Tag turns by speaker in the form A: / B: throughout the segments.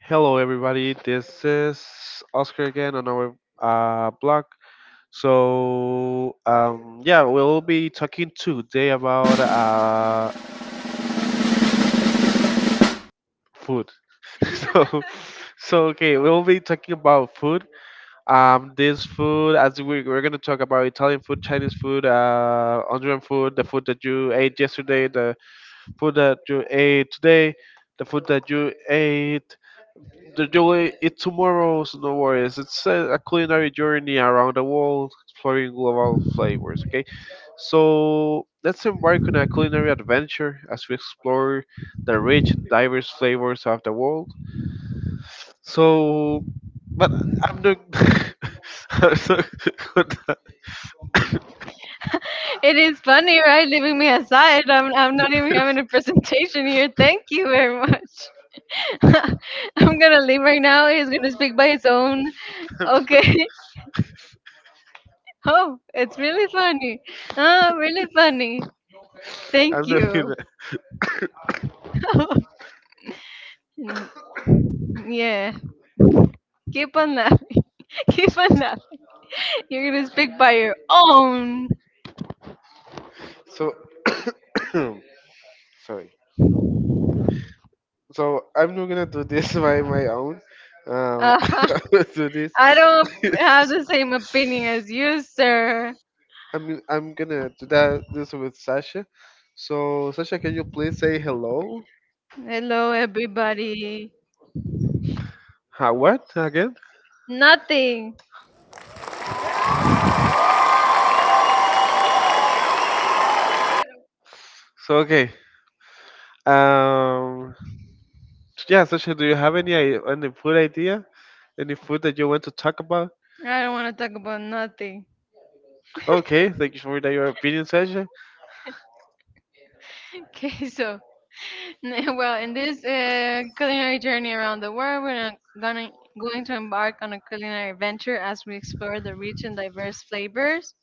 A: Hello, everybody. This is Oscar again on our blog. So, we'll be talking today about food. so, so okay, we'll be talking about food. This food, as we we're gonna talk about Italian food, Chinese food, Honduran food, the food that you ate yesterday, the food that you ate today, the food that you ate the joy it tomorrow's no worries. It's a culinary journey around the world, exploring global flavors. Okay, so let's embark on a culinary adventure as we explore the rich and diverse flavors of the world. So, but I'm not. I'm not gonna,
B: It is funny, right? Leaving me aside. I'm not even having a presentation here. Thank you very much. I'm gonna leave right now. He's gonna speak by his own. Okay. Oh, it's really funny. Ah, really funny. Thank
A: I'm not
B: you.
A: gonna.
B: Yeah. Keep on laughing. Keep on laughing. You're gonna speak by your own.
A: So, sorry. So I'm not gonna do this by my own.
B: Uh-huh.
A: I will do this.
B: I don't have the same opinion as you, sir.
A: I'm gonna do that this with Sasha. So Sasha, can you please say hello?
B: Hello, everybody.
A: Huh? What again?
B: Nothing.
A: So okay. Um. Yeah, Sasha, do you have any food idea? Any food that you want to talk about?
B: I don't want to talk about nothing.
A: Okay, thank you for that, your opinion, Sasha.
B: Okay, so in this culinary journey around the world, we're not gonna going to embark on a culinary adventure as we explore the rich and diverse flavors.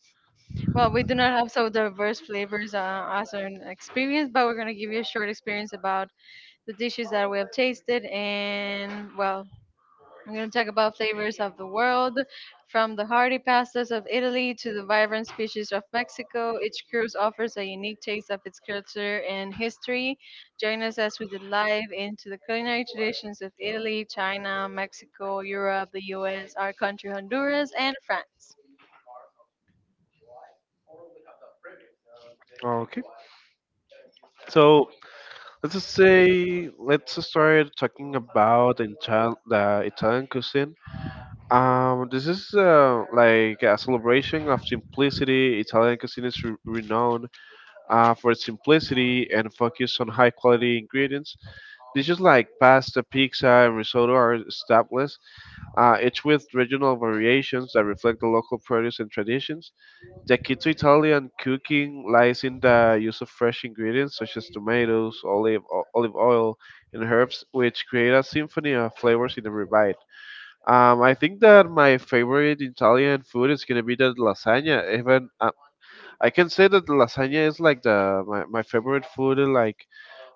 B: Well, we do not have so diverse flavors as an experience, but we're gonna give you a short experience about the dishes that we have tasted and, well, we're going to talk about flavors of the world, from the hearty pastas of Italy to the vibrant species of Mexico. Each cruise offers a unique taste of its culture and history. Join us as we dive into the culinary traditions of Italy, China, Mexico, Europe, the US, our country, Honduras, and France.
A: Okay. So let's just start talking about the Italian cuisine. This is like a celebration of simplicity. Italian cuisine is renowned for simplicity and focus on high quality ingredients. Dishes like pasta, pizza, and risotto are established, each with regional variations that reflect the local produce and traditions. The key to Italian cooking lies in the use of fresh ingredients such as tomatoes, olive oil, and herbs, which create a symphony of flavors in every bite. I think that my favorite Italian food is gonna be the lasagna. Even I can say that lasagna is like my favorite food in like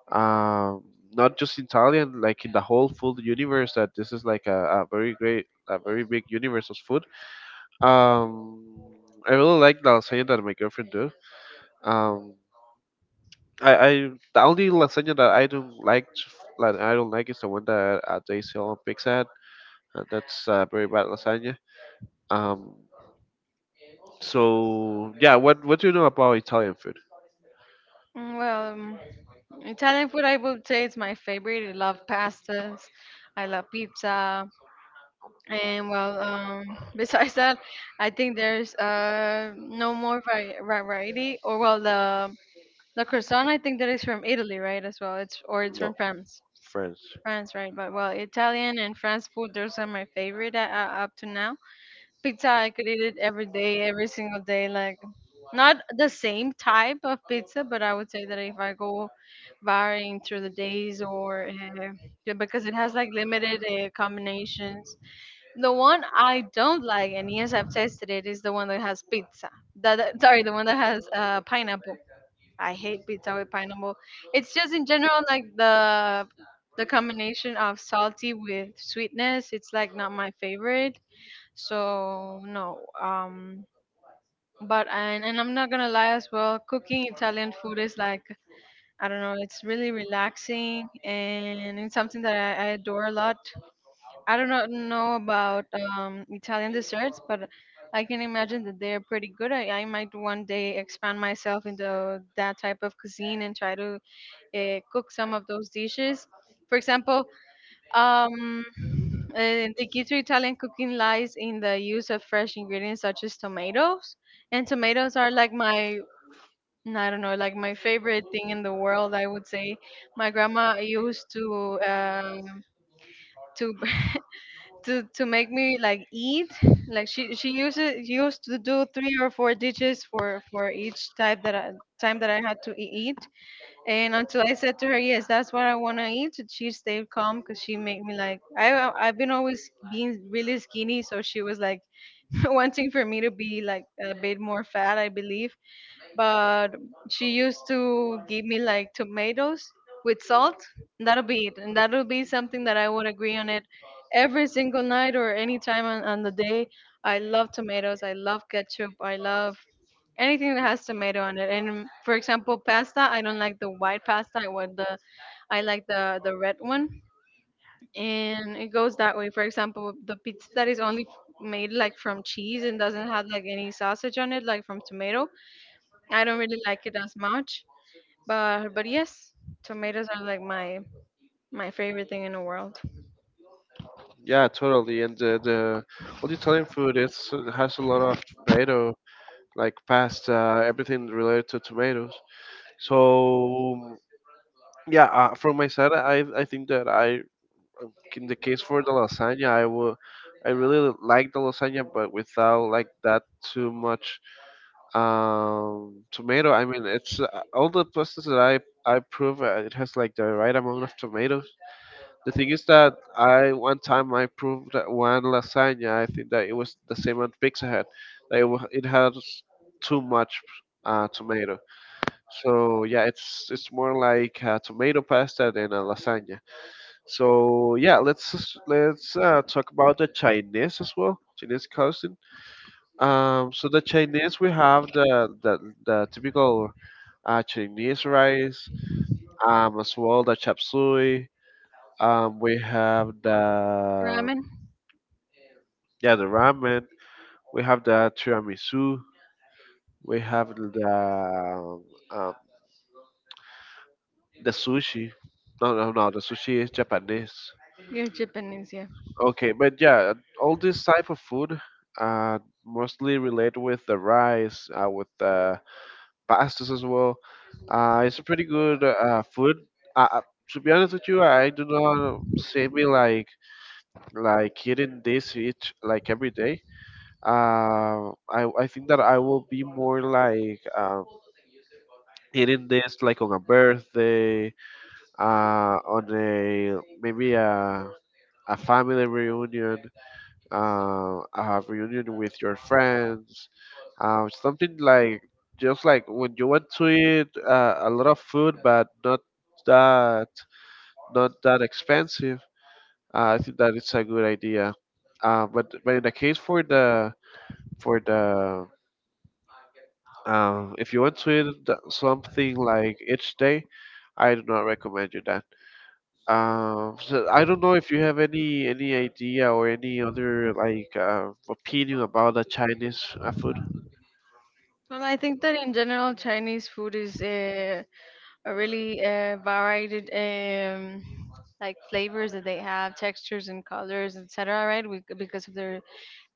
A: um not just Italian, like in the whole food universe that this is like a very great a very big universe of food. Um I really like the lasagna that my girlfriend do. Um I the only lasagna that I don't like is the one that they sell on Pizza Hut. That's very bad lasagna. Um so yeah, what do you know about Italian food?
B: Mm, Well, um, Italian food, I would say, is my favorite. I love pastas. I love pizza. And, well, besides that, I think there's no more vari- variety. Or, well, the croissant, I think, that is from Italy, right? As well, it's, or it's from
A: No,
B: France,
A: French.
B: France, right? But, well, Italian and France food, those are my favorite up to now. Pizza, I could eat it every day, every single day. Like, not the same type of pizza, but I would say that if I go varying through the days, or because it has like limited combinations, the one I don't like, and yes, I've tested it, is the one that has pizza. Sorry, the one that has pineapple. I hate pizza with pineapple. It's just in general like the combination of salty with sweetness. It's like not my favorite. So no. But and I'm not gonna lie as well. Cooking Italian food is like, I don't know, it's really relaxing and it's something that I adore a lot. I don't know about Italian desserts, but I can imagine that they're pretty good. I might one day expand myself into that type of cuisine and try to cook some of those dishes. For example, um, the key to Italian cooking lies in the use of fresh ingredients such as tomatoes. And tomatoes are like I don't know, like my favorite thing in the world, I would say. My grandma used to to to make me like eat like she uses used to do three or four dishes for each time that I had to eat, and until I said to her, yes, that's what I want to eat, she stayed calm because she made me like, I've been always being really skinny, so she was like wanting for me to be like a bit more fat, I believe. But she used to give me like tomatoes with salt. And that'll be it, and that'll be something that I would agree on it every single night or any time on the day. I love tomatoes. I love ketchup. I love anything that has tomato on it. And, for example, pasta. I don't like the white pasta. I like the red one, and it goes that way. For example, the pizza that is only made like from cheese and doesn't have like any sausage on it, like from tomato, I don't really like it as much, but yes, tomatoes are like my favorite thing in the world.
A: Yeah, totally. And the all the Italian food it's has a lot of tomato, like pasta, everything related to tomatoes. So yeah, from my side, I think that I in the case for the lasagna, I will I really like the lasagna, but without like that too much tomato. I mean, it's all the pastas that I prove it has like the right amount of tomatoes. The thing is that I one time I proved that one lasagna. I think that it was the same on Pizza Hut. That it has too much tomato. So yeah, it's more like a tomato pasta than a lasagna. So yeah, let's talk about the Chinese as well. Chinese cuisine. So the Chinese we have the typical Chinese rice. As well the chop suey. We have the
B: Ramen,
A: yeah the ramen. We have the tiramisu. We have um, the sushi. No, no, no. The sushi is Japanese.
B: you're Japanese, yeah.
A: Okay, but yeah, all this type of food, uh, mostly related with the rice, with the pastas as well. It's a pretty good food. Uh, uh, to be honest with you, I do not see me like eating this each like every day. I think that I will be more like eating this like on a birthday, on a maybe a family reunion, a reunion with your friends, something like just like when you want to eat a lot of food, but not that not that expensive. I think that it's a good idea. But but in the case for the if you want to eat something like each day, I do not recommend you that. So I don't know if you have any idea or any other like opinion about the Chinese food.
B: Well, I think that in general Chinese food is a really varied, like flavors that they have, textures and colors, etc. Right, we, because of their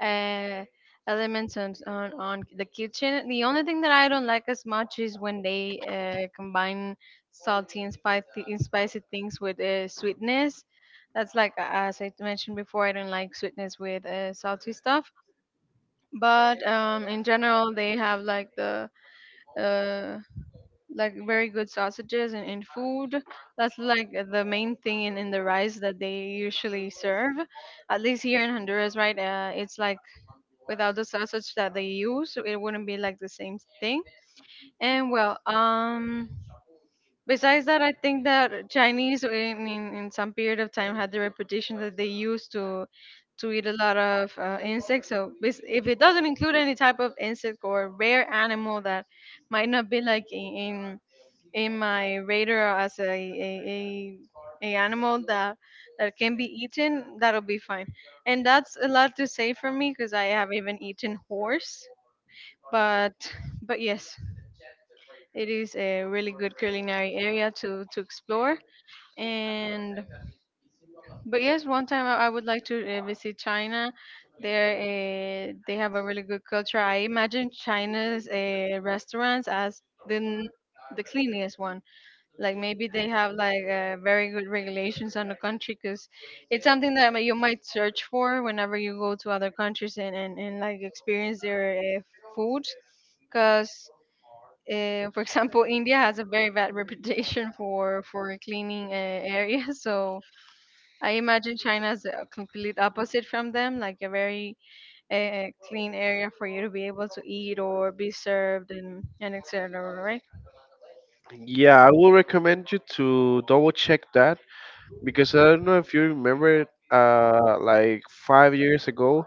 B: uh, elements on, on the kitchen. The only thing that I don't like as much is when they combine salty and spicy things with sweetness. That's like, as I mentioned before, I don't like sweetness with salty stuff. But, in general, they have like the uh, like very good sausages and in food. That's like the main thing in the rice that they usually serve. At least here in Honduras, right? It's like without the sausage that they use, so it wouldn't be like the same thing. And, well, besides that, I think that Chinese in some period of time had the reputation that they used to eat a lot of insects. So if it doesn't include any type of insect or rare animal, that might not be like in my radar as a animal that that can be eaten, that'll be fine. And that's a lot to say for me because I have even eaten horse. But but yes, it is a really good culinary area to explore. And but yes, one time, I would like to visit China. There, they have a really good culture. I imagine China's restaurants as the n- the cleanest one, like maybe they have like very good regulations on the country, because it's something that you might search for whenever you go to other countries and like experience their food because, for example, India has a very bad reputation for cleaning areas, so I imagine China's a complete opposite from them, like a very clean area for you to be able to eat or be served and etc, right.
A: Yeah, I will recommend you to double check that because I don't know if you remember, like 5 years ago,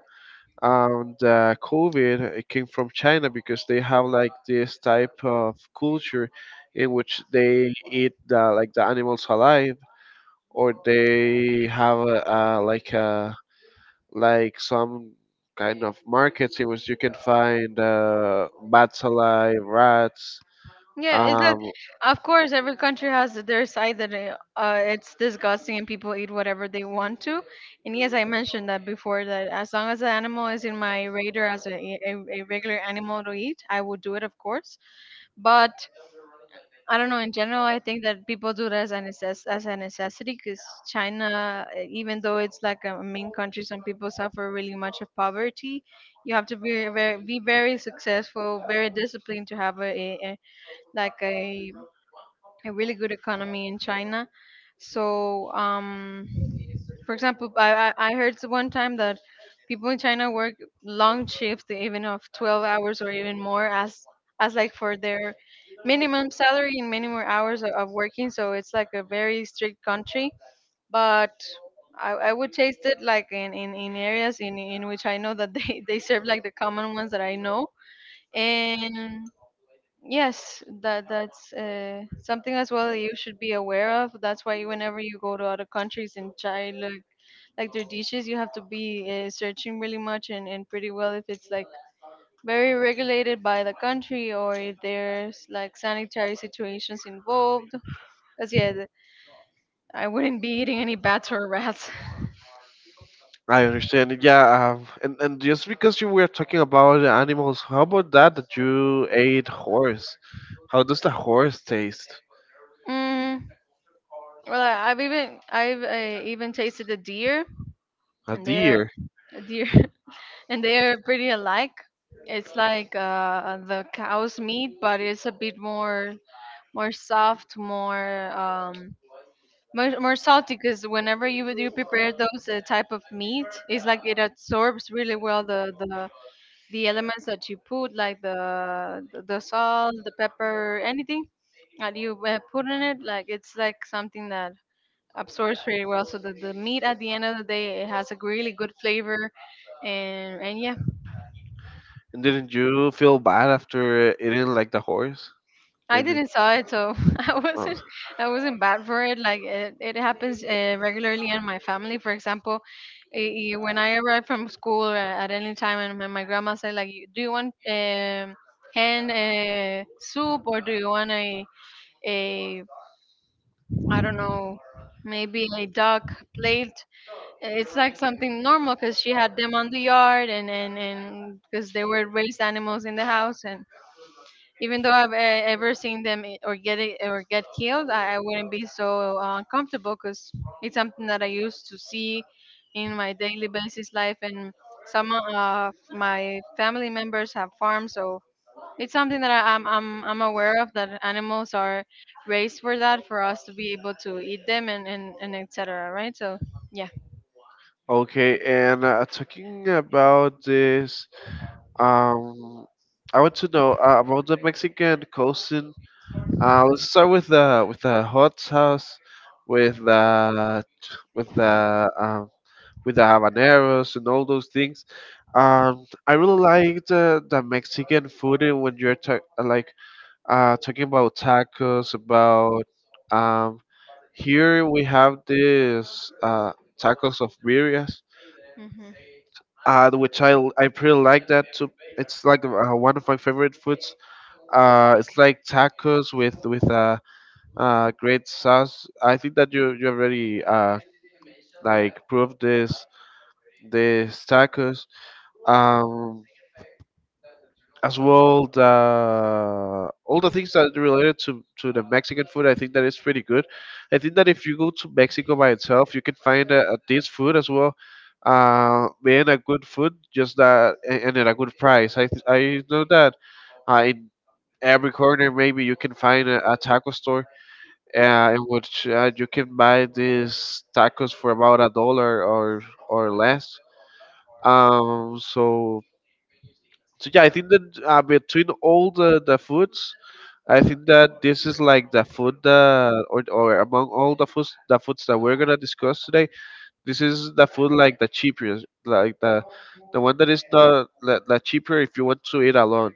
A: and COVID it came from China because they have like this type of culture in which they eat the, like the animals alive, or they have like a like some kind of markets in which you can find bats alive, rats.
B: Yeah, is that,
A: Um,
B: of course, every country has their side that it's disgusting and people eat whatever they want to. And yes, I mentioned that before that as long as the animal is in my radar as a regular animal to eat, I will do it, of course. But I don't know. In general, I think that people do that as a as a necessity because China, even though it's like a main country, some people suffer really much of poverty. You have to be very successful, very disciplined to have like a really good economy in China. So, for example, I heard one time that people in China work long shifts, even of 12 hours or even more, as like for their minimum salary and minimum hours of working. So it's like a very strict country. But I would taste it like in areas in which I know that they, they serve like the common ones that I know. And yes, that that's something as well that you should be aware of. That's why whenever you go to other countries and try look like their dishes, you have to be searching really much and pretty well if it's like very regulated by the country or if there's like sanitary situations involved. Because yeah, I wouldn't be eating any bats or rats.
A: I understand. Yeah, and just because you were talking about the animals, how about that you ate horse? How does the horse taste?
B: Mm, well, I've even tasted the deer,
A: A
B: and they're
A: deer.
B: a deer. And they're pretty alike. It's like, the cow's meat, but it's a bit more more soft, more, more, more salty. Because whenever you do prepare those type of meat, it's like it absorbs really well the elements that you put, like the salt, the pepper, anything that you put in it. Like, it's like something that absorbs pretty well. So the meat at the end of the day, it has a really good flavor, and yeah.
A: And didn't you feel bad after eating like the horse?
B: I
A: Maybe.
B: didn't saw it, so I
A: Oh,
B: wasn't, I wasn't bad for it. Like, it happens regularly in my family. For example, when I arrive from school or at any time, and my grandma said like, Do you want hand soup or do you want a I don't know. Maybe a duck plate." It's like something normal because she had them on the yard, and because they were raised animals in the house, and even though I've ever seen them or get it, or get killed, I wouldn't be so uncomfortable because it's something that I used to see in my daily basis life, and some of my family members have farms, so it's something that I, I'm aware of that animals are raised for that, for us to be able to eat them and etc. Right? So yeah.
A: okay, and talking about this, um, I want to know about the Mexican cuisine. Let's start with the hot sauce, with the with the with the habaneros and all those things. I really like the Mexican food and when you're talking about tacos, about Um, here we have this tacos of birrias,
B: Hmm.
A: which I pretty like that too. It's like one of my favorite foods. It's like tacos with a great sauce. I think that you already like proved this this tacos. Um, as well the all the things that are related to the Mexican food. I think that is pretty good. I think that if you go to Mexico by itself, you can find this food as well. Being a good food, just that and at a good price. I know that in every corner maybe you can find a taco store in which you can buy these tacos for about a dollar or less. So so yeah, I think that between all the foods, I think that this is like the food that, or among all the foods that we're gonna discuss today, this is the food like the cheapest, like the one that is not the cheaper if you want to eat alone.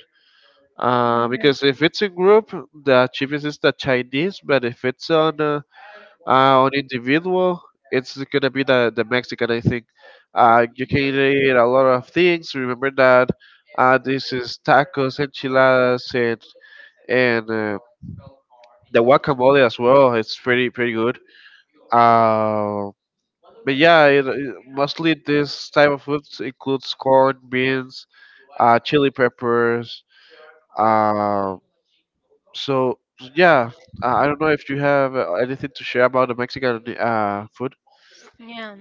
A: Because if it's a group, the cheapest is the Chinese, but if it's on individual, it's gonna be the Mexican. I think. You can eat a lot of things. Remember that. This is tacos, enchiladas, and and uh, the guacamole as well. It's pretty pretty good. Uh, but yeah, mostly this type of foods includes corn, beans, chili peppers, um, so yeah, I don't know if you have anything to share about the Mexican food.
B: Yeah.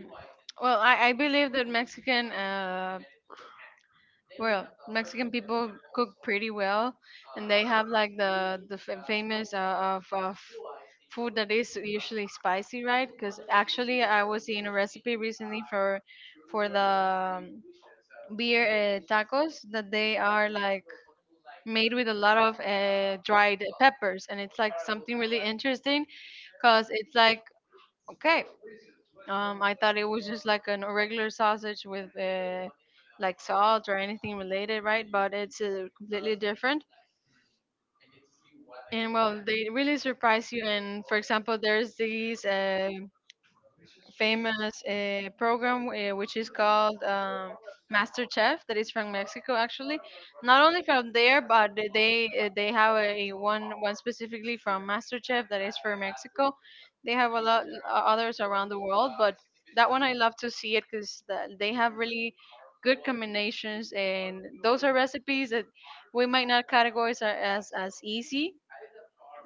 B: Well, I believe that Mexican Well, Mexican people cook pretty well, and they have like the famous of food that is usually spicy, right? Because actually, I was seeing a recipe recently for the beer tacos that they are like made with a lot of dried peppers, and it's like something really interesting because it's like okay. I thought it was just like an a regular sausage with like salt or anything related, right? But it's completely different. And well, they really surprise you. And for example, there's these famous program which is called Master Chef, that is from Mexico actually, not only from there, but they have a one specifically from Master Chef that is for Mexico. They have a lot others around the world, but that one I love to see it because they have really good combinations, and those are recipes that we might not categorize as easy,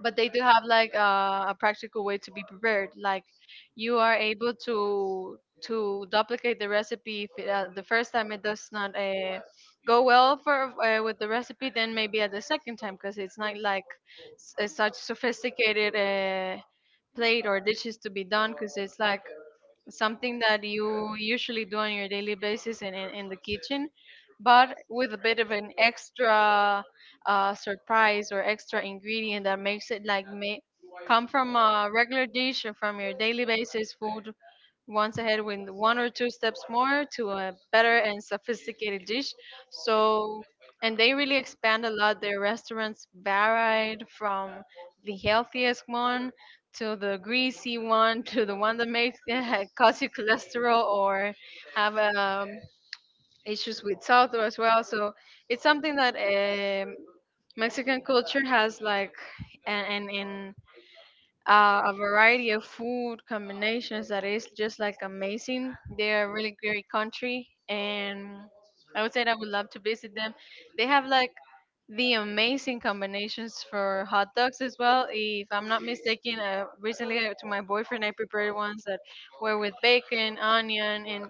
B: but they do have like a practical way to be prepared, like you are able to duplicate the recipe if the first time it does not go well for with the recipe, then maybe at the second time, because it's not like such sophisticated plate or dishes to be done, because it's like something that you usually do on your daily basis in the kitchen, but with a bit of an extra surprise or extra ingredient that makes it like may come from a regular dish or from your daily basis food once ahead with one or two steps more to a better and sophisticated dish. So, and they really expand a lot. Their restaurants varied from the healthiest one to the greasy one to the one that makes cause you cholesterol or have issues with salt as well. So it's something that mexican culture has like, and in a variety of food combinations that is just like amazing. They are a really great country, and I would say that I would love to visit them. They have like the amazing combinations for hot dogs as well. If I'm not mistaken, recently to my boyfriend, I prepared ones that were with bacon, onion, and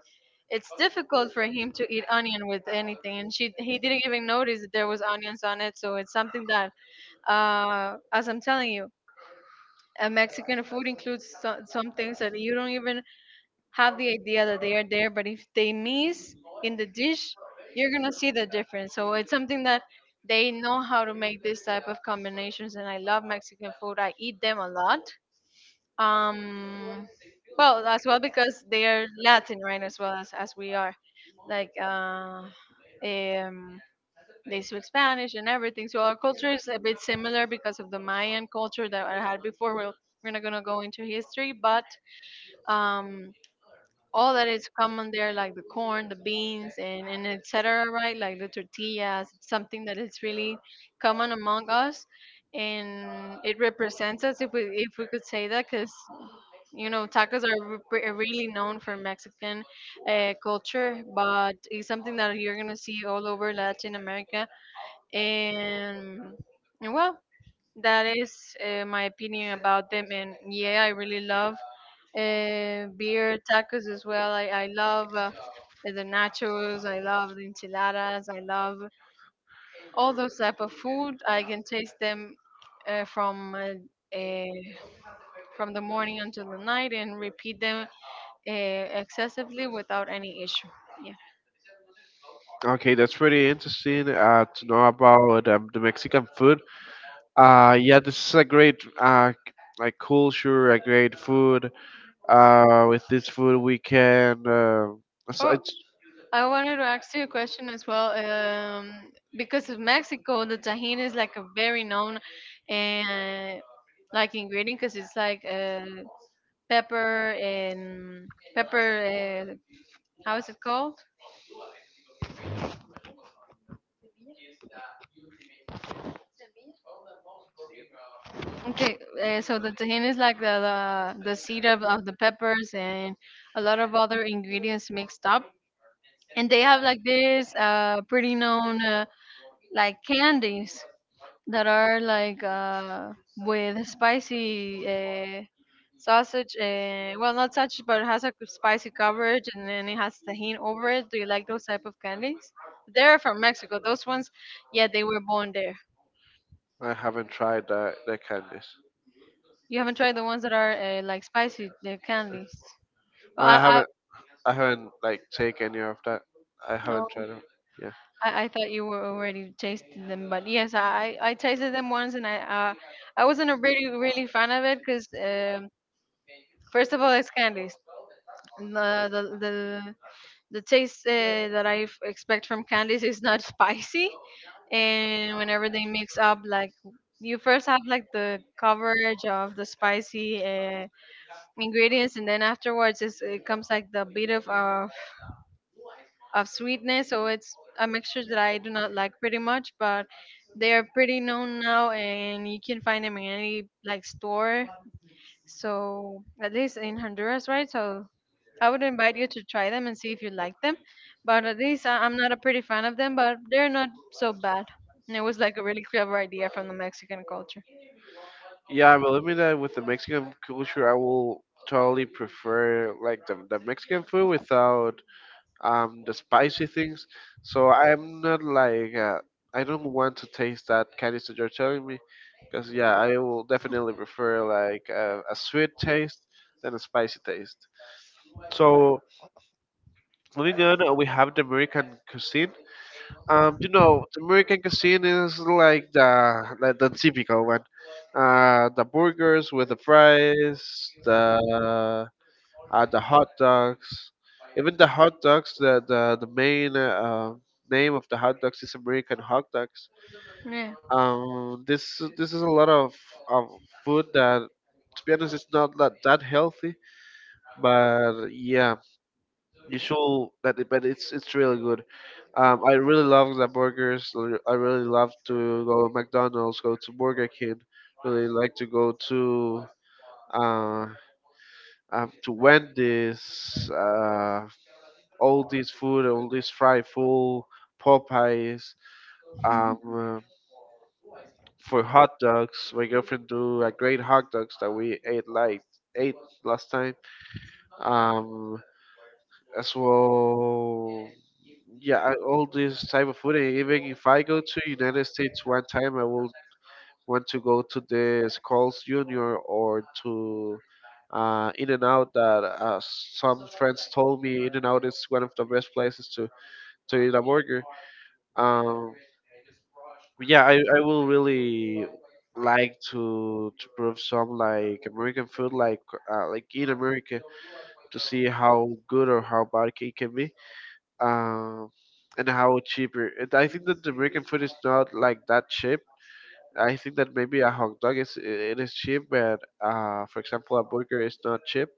B: it's difficult for him to eat onion with anything. And she, he didn't even notice that there was onions on it. So it's something that, as I'm telling you, a Mexican food includes so, some things that you don't even have the idea that they are there, but if they miss in the dish, you're gonna see the difference. So it's something that they know how to make this type of combinations, and I love Mexican food. I eat them a lot. Um, well, as well because they are Latin, right? As well as we are, like uh, um, they speak Spanish and everything. So our culture is a bit similar because of the Mayan culture that I had before. We'll, we're not gonna go into history, but um all that is common there, like the corn, the beans, and etc. Right, like the tortillas. It's something that is really common among us, and it represents us if we could say that, because you know tacos are really known for Mexican culture, but it's something that you're gonna see all over Latin America, and and well that is my opinion about them. And yeah, I really love beer tacos as well. I love the nachos, I love the enchiladas, I love all those type of food. I can taste them uh, from uh, uh, from the morning until the night and repeat them excessively without any issue. Yeah.
A: Okay, that's pretty interesting to know about the Mexican food. Yeah, this is a great like culture, a great food. With this food, we can. So
B: Oh.
A: it's,
B: I wanted to ask you a question as well. Because of Mexico, the tahini is like a very known and like ingredient, because it's like pepper and pepper. How is it called? Okay, so the tahini is like the seed of the peppers and a lot of other ingredients mixed up, and they have like this pretty known like candies that are like with spicy sausage, well not sausage, but it has a spicy coverage and then it has tahini over it. Do you like those type of candies? They're from Mexico, those ones. Yeah, they were born there.
A: I haven't tried that that candies.
B: You haven't tried the ones that are like spicy, the candies? well, I,
A: I
B: I,
A: haven't. I haven't like take any of that. I haven't
B: oh,
A: tried them.
B: I thought you were already tasting them, but yes, I tasted them once, and I wasn't a really really fan of it, because first of all, it's candies. The, the, the the taste that I expect from candies is not spicy. And whenever they mix up, like you first have like the coverage of the spicy ingredients, and then afterwards it comes like the bit of sweetness. So it's a mixture that I do not like pretty much, but they are pretty known now, and you can find them in any like store. So at least in Honduras, right? So I would invite you to try them and see if you like them. But at least I'm not a pretty fan of them, but they're not so bad. And it was like a really clever idea from the Mexican culture.
A: Yeah, I believe me that with the Mexican culture, I will totally prefer like the Mexican food without the spicy things. So I'm not like I don't want to taste that kind of stuff you're telling me, because yeah, I will definitely prefer like a sweet taste than a spicy taste. So moving on, we have the American cuisine. You know, the American cuisine is like the typical one the burgers with the fries, the hot dogs. Even the hot dogs, the main name of the hot dogs is American hot dogs.
B: Yeah.
A: This this is a lot of food that, to be honest, it's not that healthy. But yeah, you show that, but it's really good. I really love the burgers. I really love to go to McDonald's, go to Burger King. Really like to go uh to when this all this food, all this fried food, Popeyes, um, uh, for hot dogs. My girlfriend do a great hot dogs that we ate like ate last time. Um, as well, yeah, I- all this type of food. And even if I go to United States one time, I will want to go to the Skulls Junior or to In and Out that some friends told me In and Out is one of the best places to eat a burger. Um, yeah, I will really like to prove some like American food like in America to see how good or how bad it can be. Um, and how cheaper. And I think that the American food is not like that cheap, I think that maybe a hot dog is it is cheap, but for example, a burger is not cheap.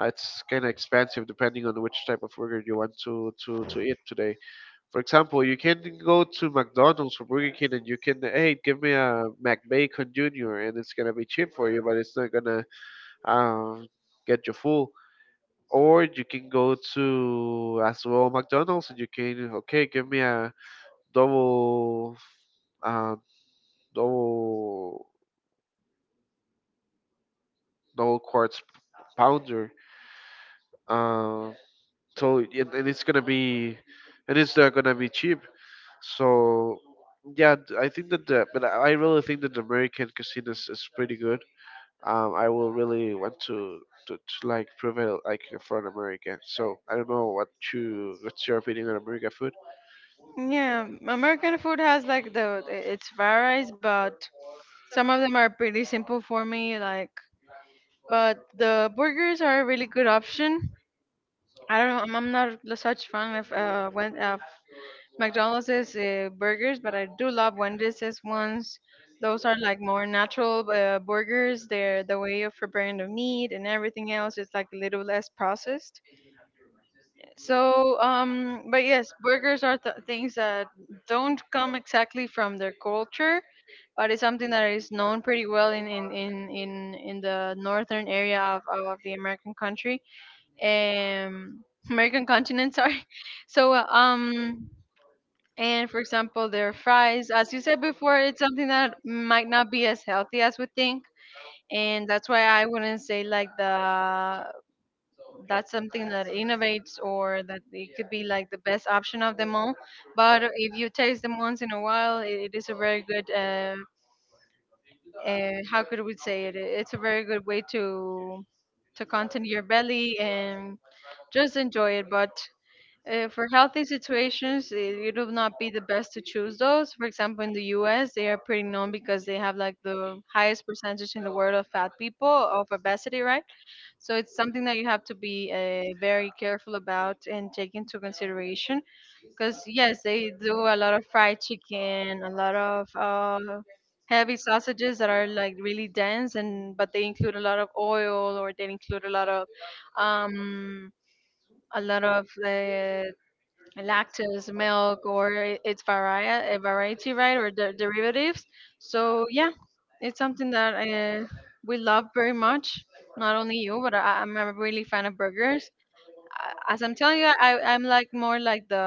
A: It's kind of expensive depending on which type of burger you want to eat today. For example, you can go to McDonald's or Burger King and you can, hey, give me a McBacon Junior, and it's gonna be cheap for you, but it's not gonna um, get you full. Or you can go to as well McDonald's and you can, okay, give me a double, uh, double. No quartz powder. Uh, so and it's gonna be, and it's not gonna be cheap. So yeah, I think that the but I really think that the American casino is pretty good. I will really want to. To like prevail like for an American, so I don't know what you what's your opinion on American food.
B: Yeah, American food has like the it's varies, but some of them are pretty simple for me. Like, but the burgers are a really good option. I don't know, I'm not such fan of of McDonald's is burgers, but I do love Wendy's is ones. Those are like more natural burgers. They're the way of preparing the meat and everything else is like a little less processed. So, but yes, burgers are things that don't come exactly from their culture, but it's something that is known pretty well in the northern area of the American country, um, American continent. Sorry. So, uh, um. And for example, their fries, as you said before, it's something that might not be as healthy as we think. And that's why I wouldn't say like the that's something that innovates or that it could be like the best option of them all. But if you taste them once in a while, it is a very good and how could we say it? It's a very good way to content your belly and just enjoy it. But for healthy situations, it would not be the best to choose those. For example, in the U.S., they are pretty known because they have like the highest percentage in the world of fat people, of obesity, right? So it's something that you have to be very careful about and take into consideration. Because yes, they do a lot of fried chicken, a lot of heavy sausages that are like really dense, and but they include a lot of oil, or they include um, a lot of lactose, milk, or I- its varia a variety, right, or derivatives. So yeah, it's something that we love very much. Not only you, but I'm a really fan of burgers. As I'm telling you, I'm like more like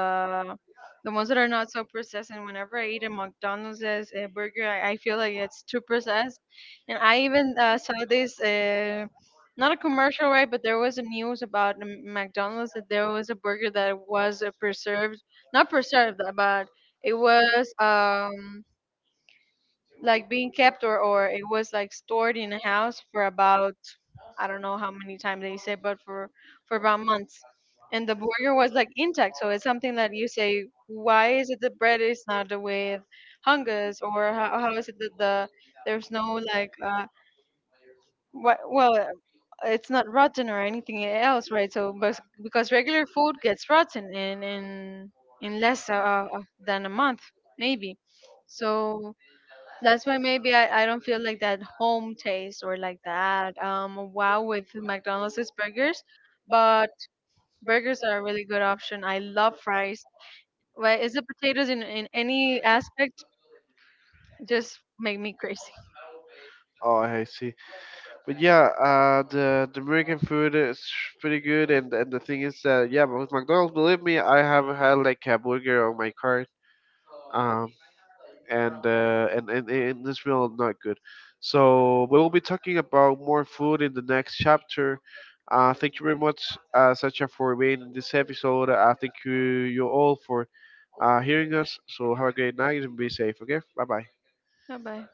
B: the ones that are not so processed. And whenever I eat a McDonald's a burger, I feel like it's too processed. And I even saw this not a commercial, right? But there was a news about the McDonald's that there was a burger that was preserved, not preserved, but it was. Like being kept, or it was like stored in a house for about I don't know how many times they say, but for about months. And the burger was like intact, so it's something that you say, why is it the bread is not with fungus, or how is it that the there's no like what well it's not rotten or anything else, right? So but because regular food gets rotten in less than a month maybe, so that's why maybe I don't feel like that home taste, or like that wow with McDonald's is burgers, but burgers are a really good option. I love fries. Why is the potatoes in any aspect just make me crazy?
A: Oh, I see, but yeah, the American food is pretty good, and the thing is that yeah, but with McDonald's, believe me, I have had like a burger on my card um, and it's real not good. So we will be talking about more food in the next chapter. Thank you very much, Sacha, for being in this episode. I thank you all for hearing us. So have a great night and be safe. Okay, bye bye.
B: Bye bye.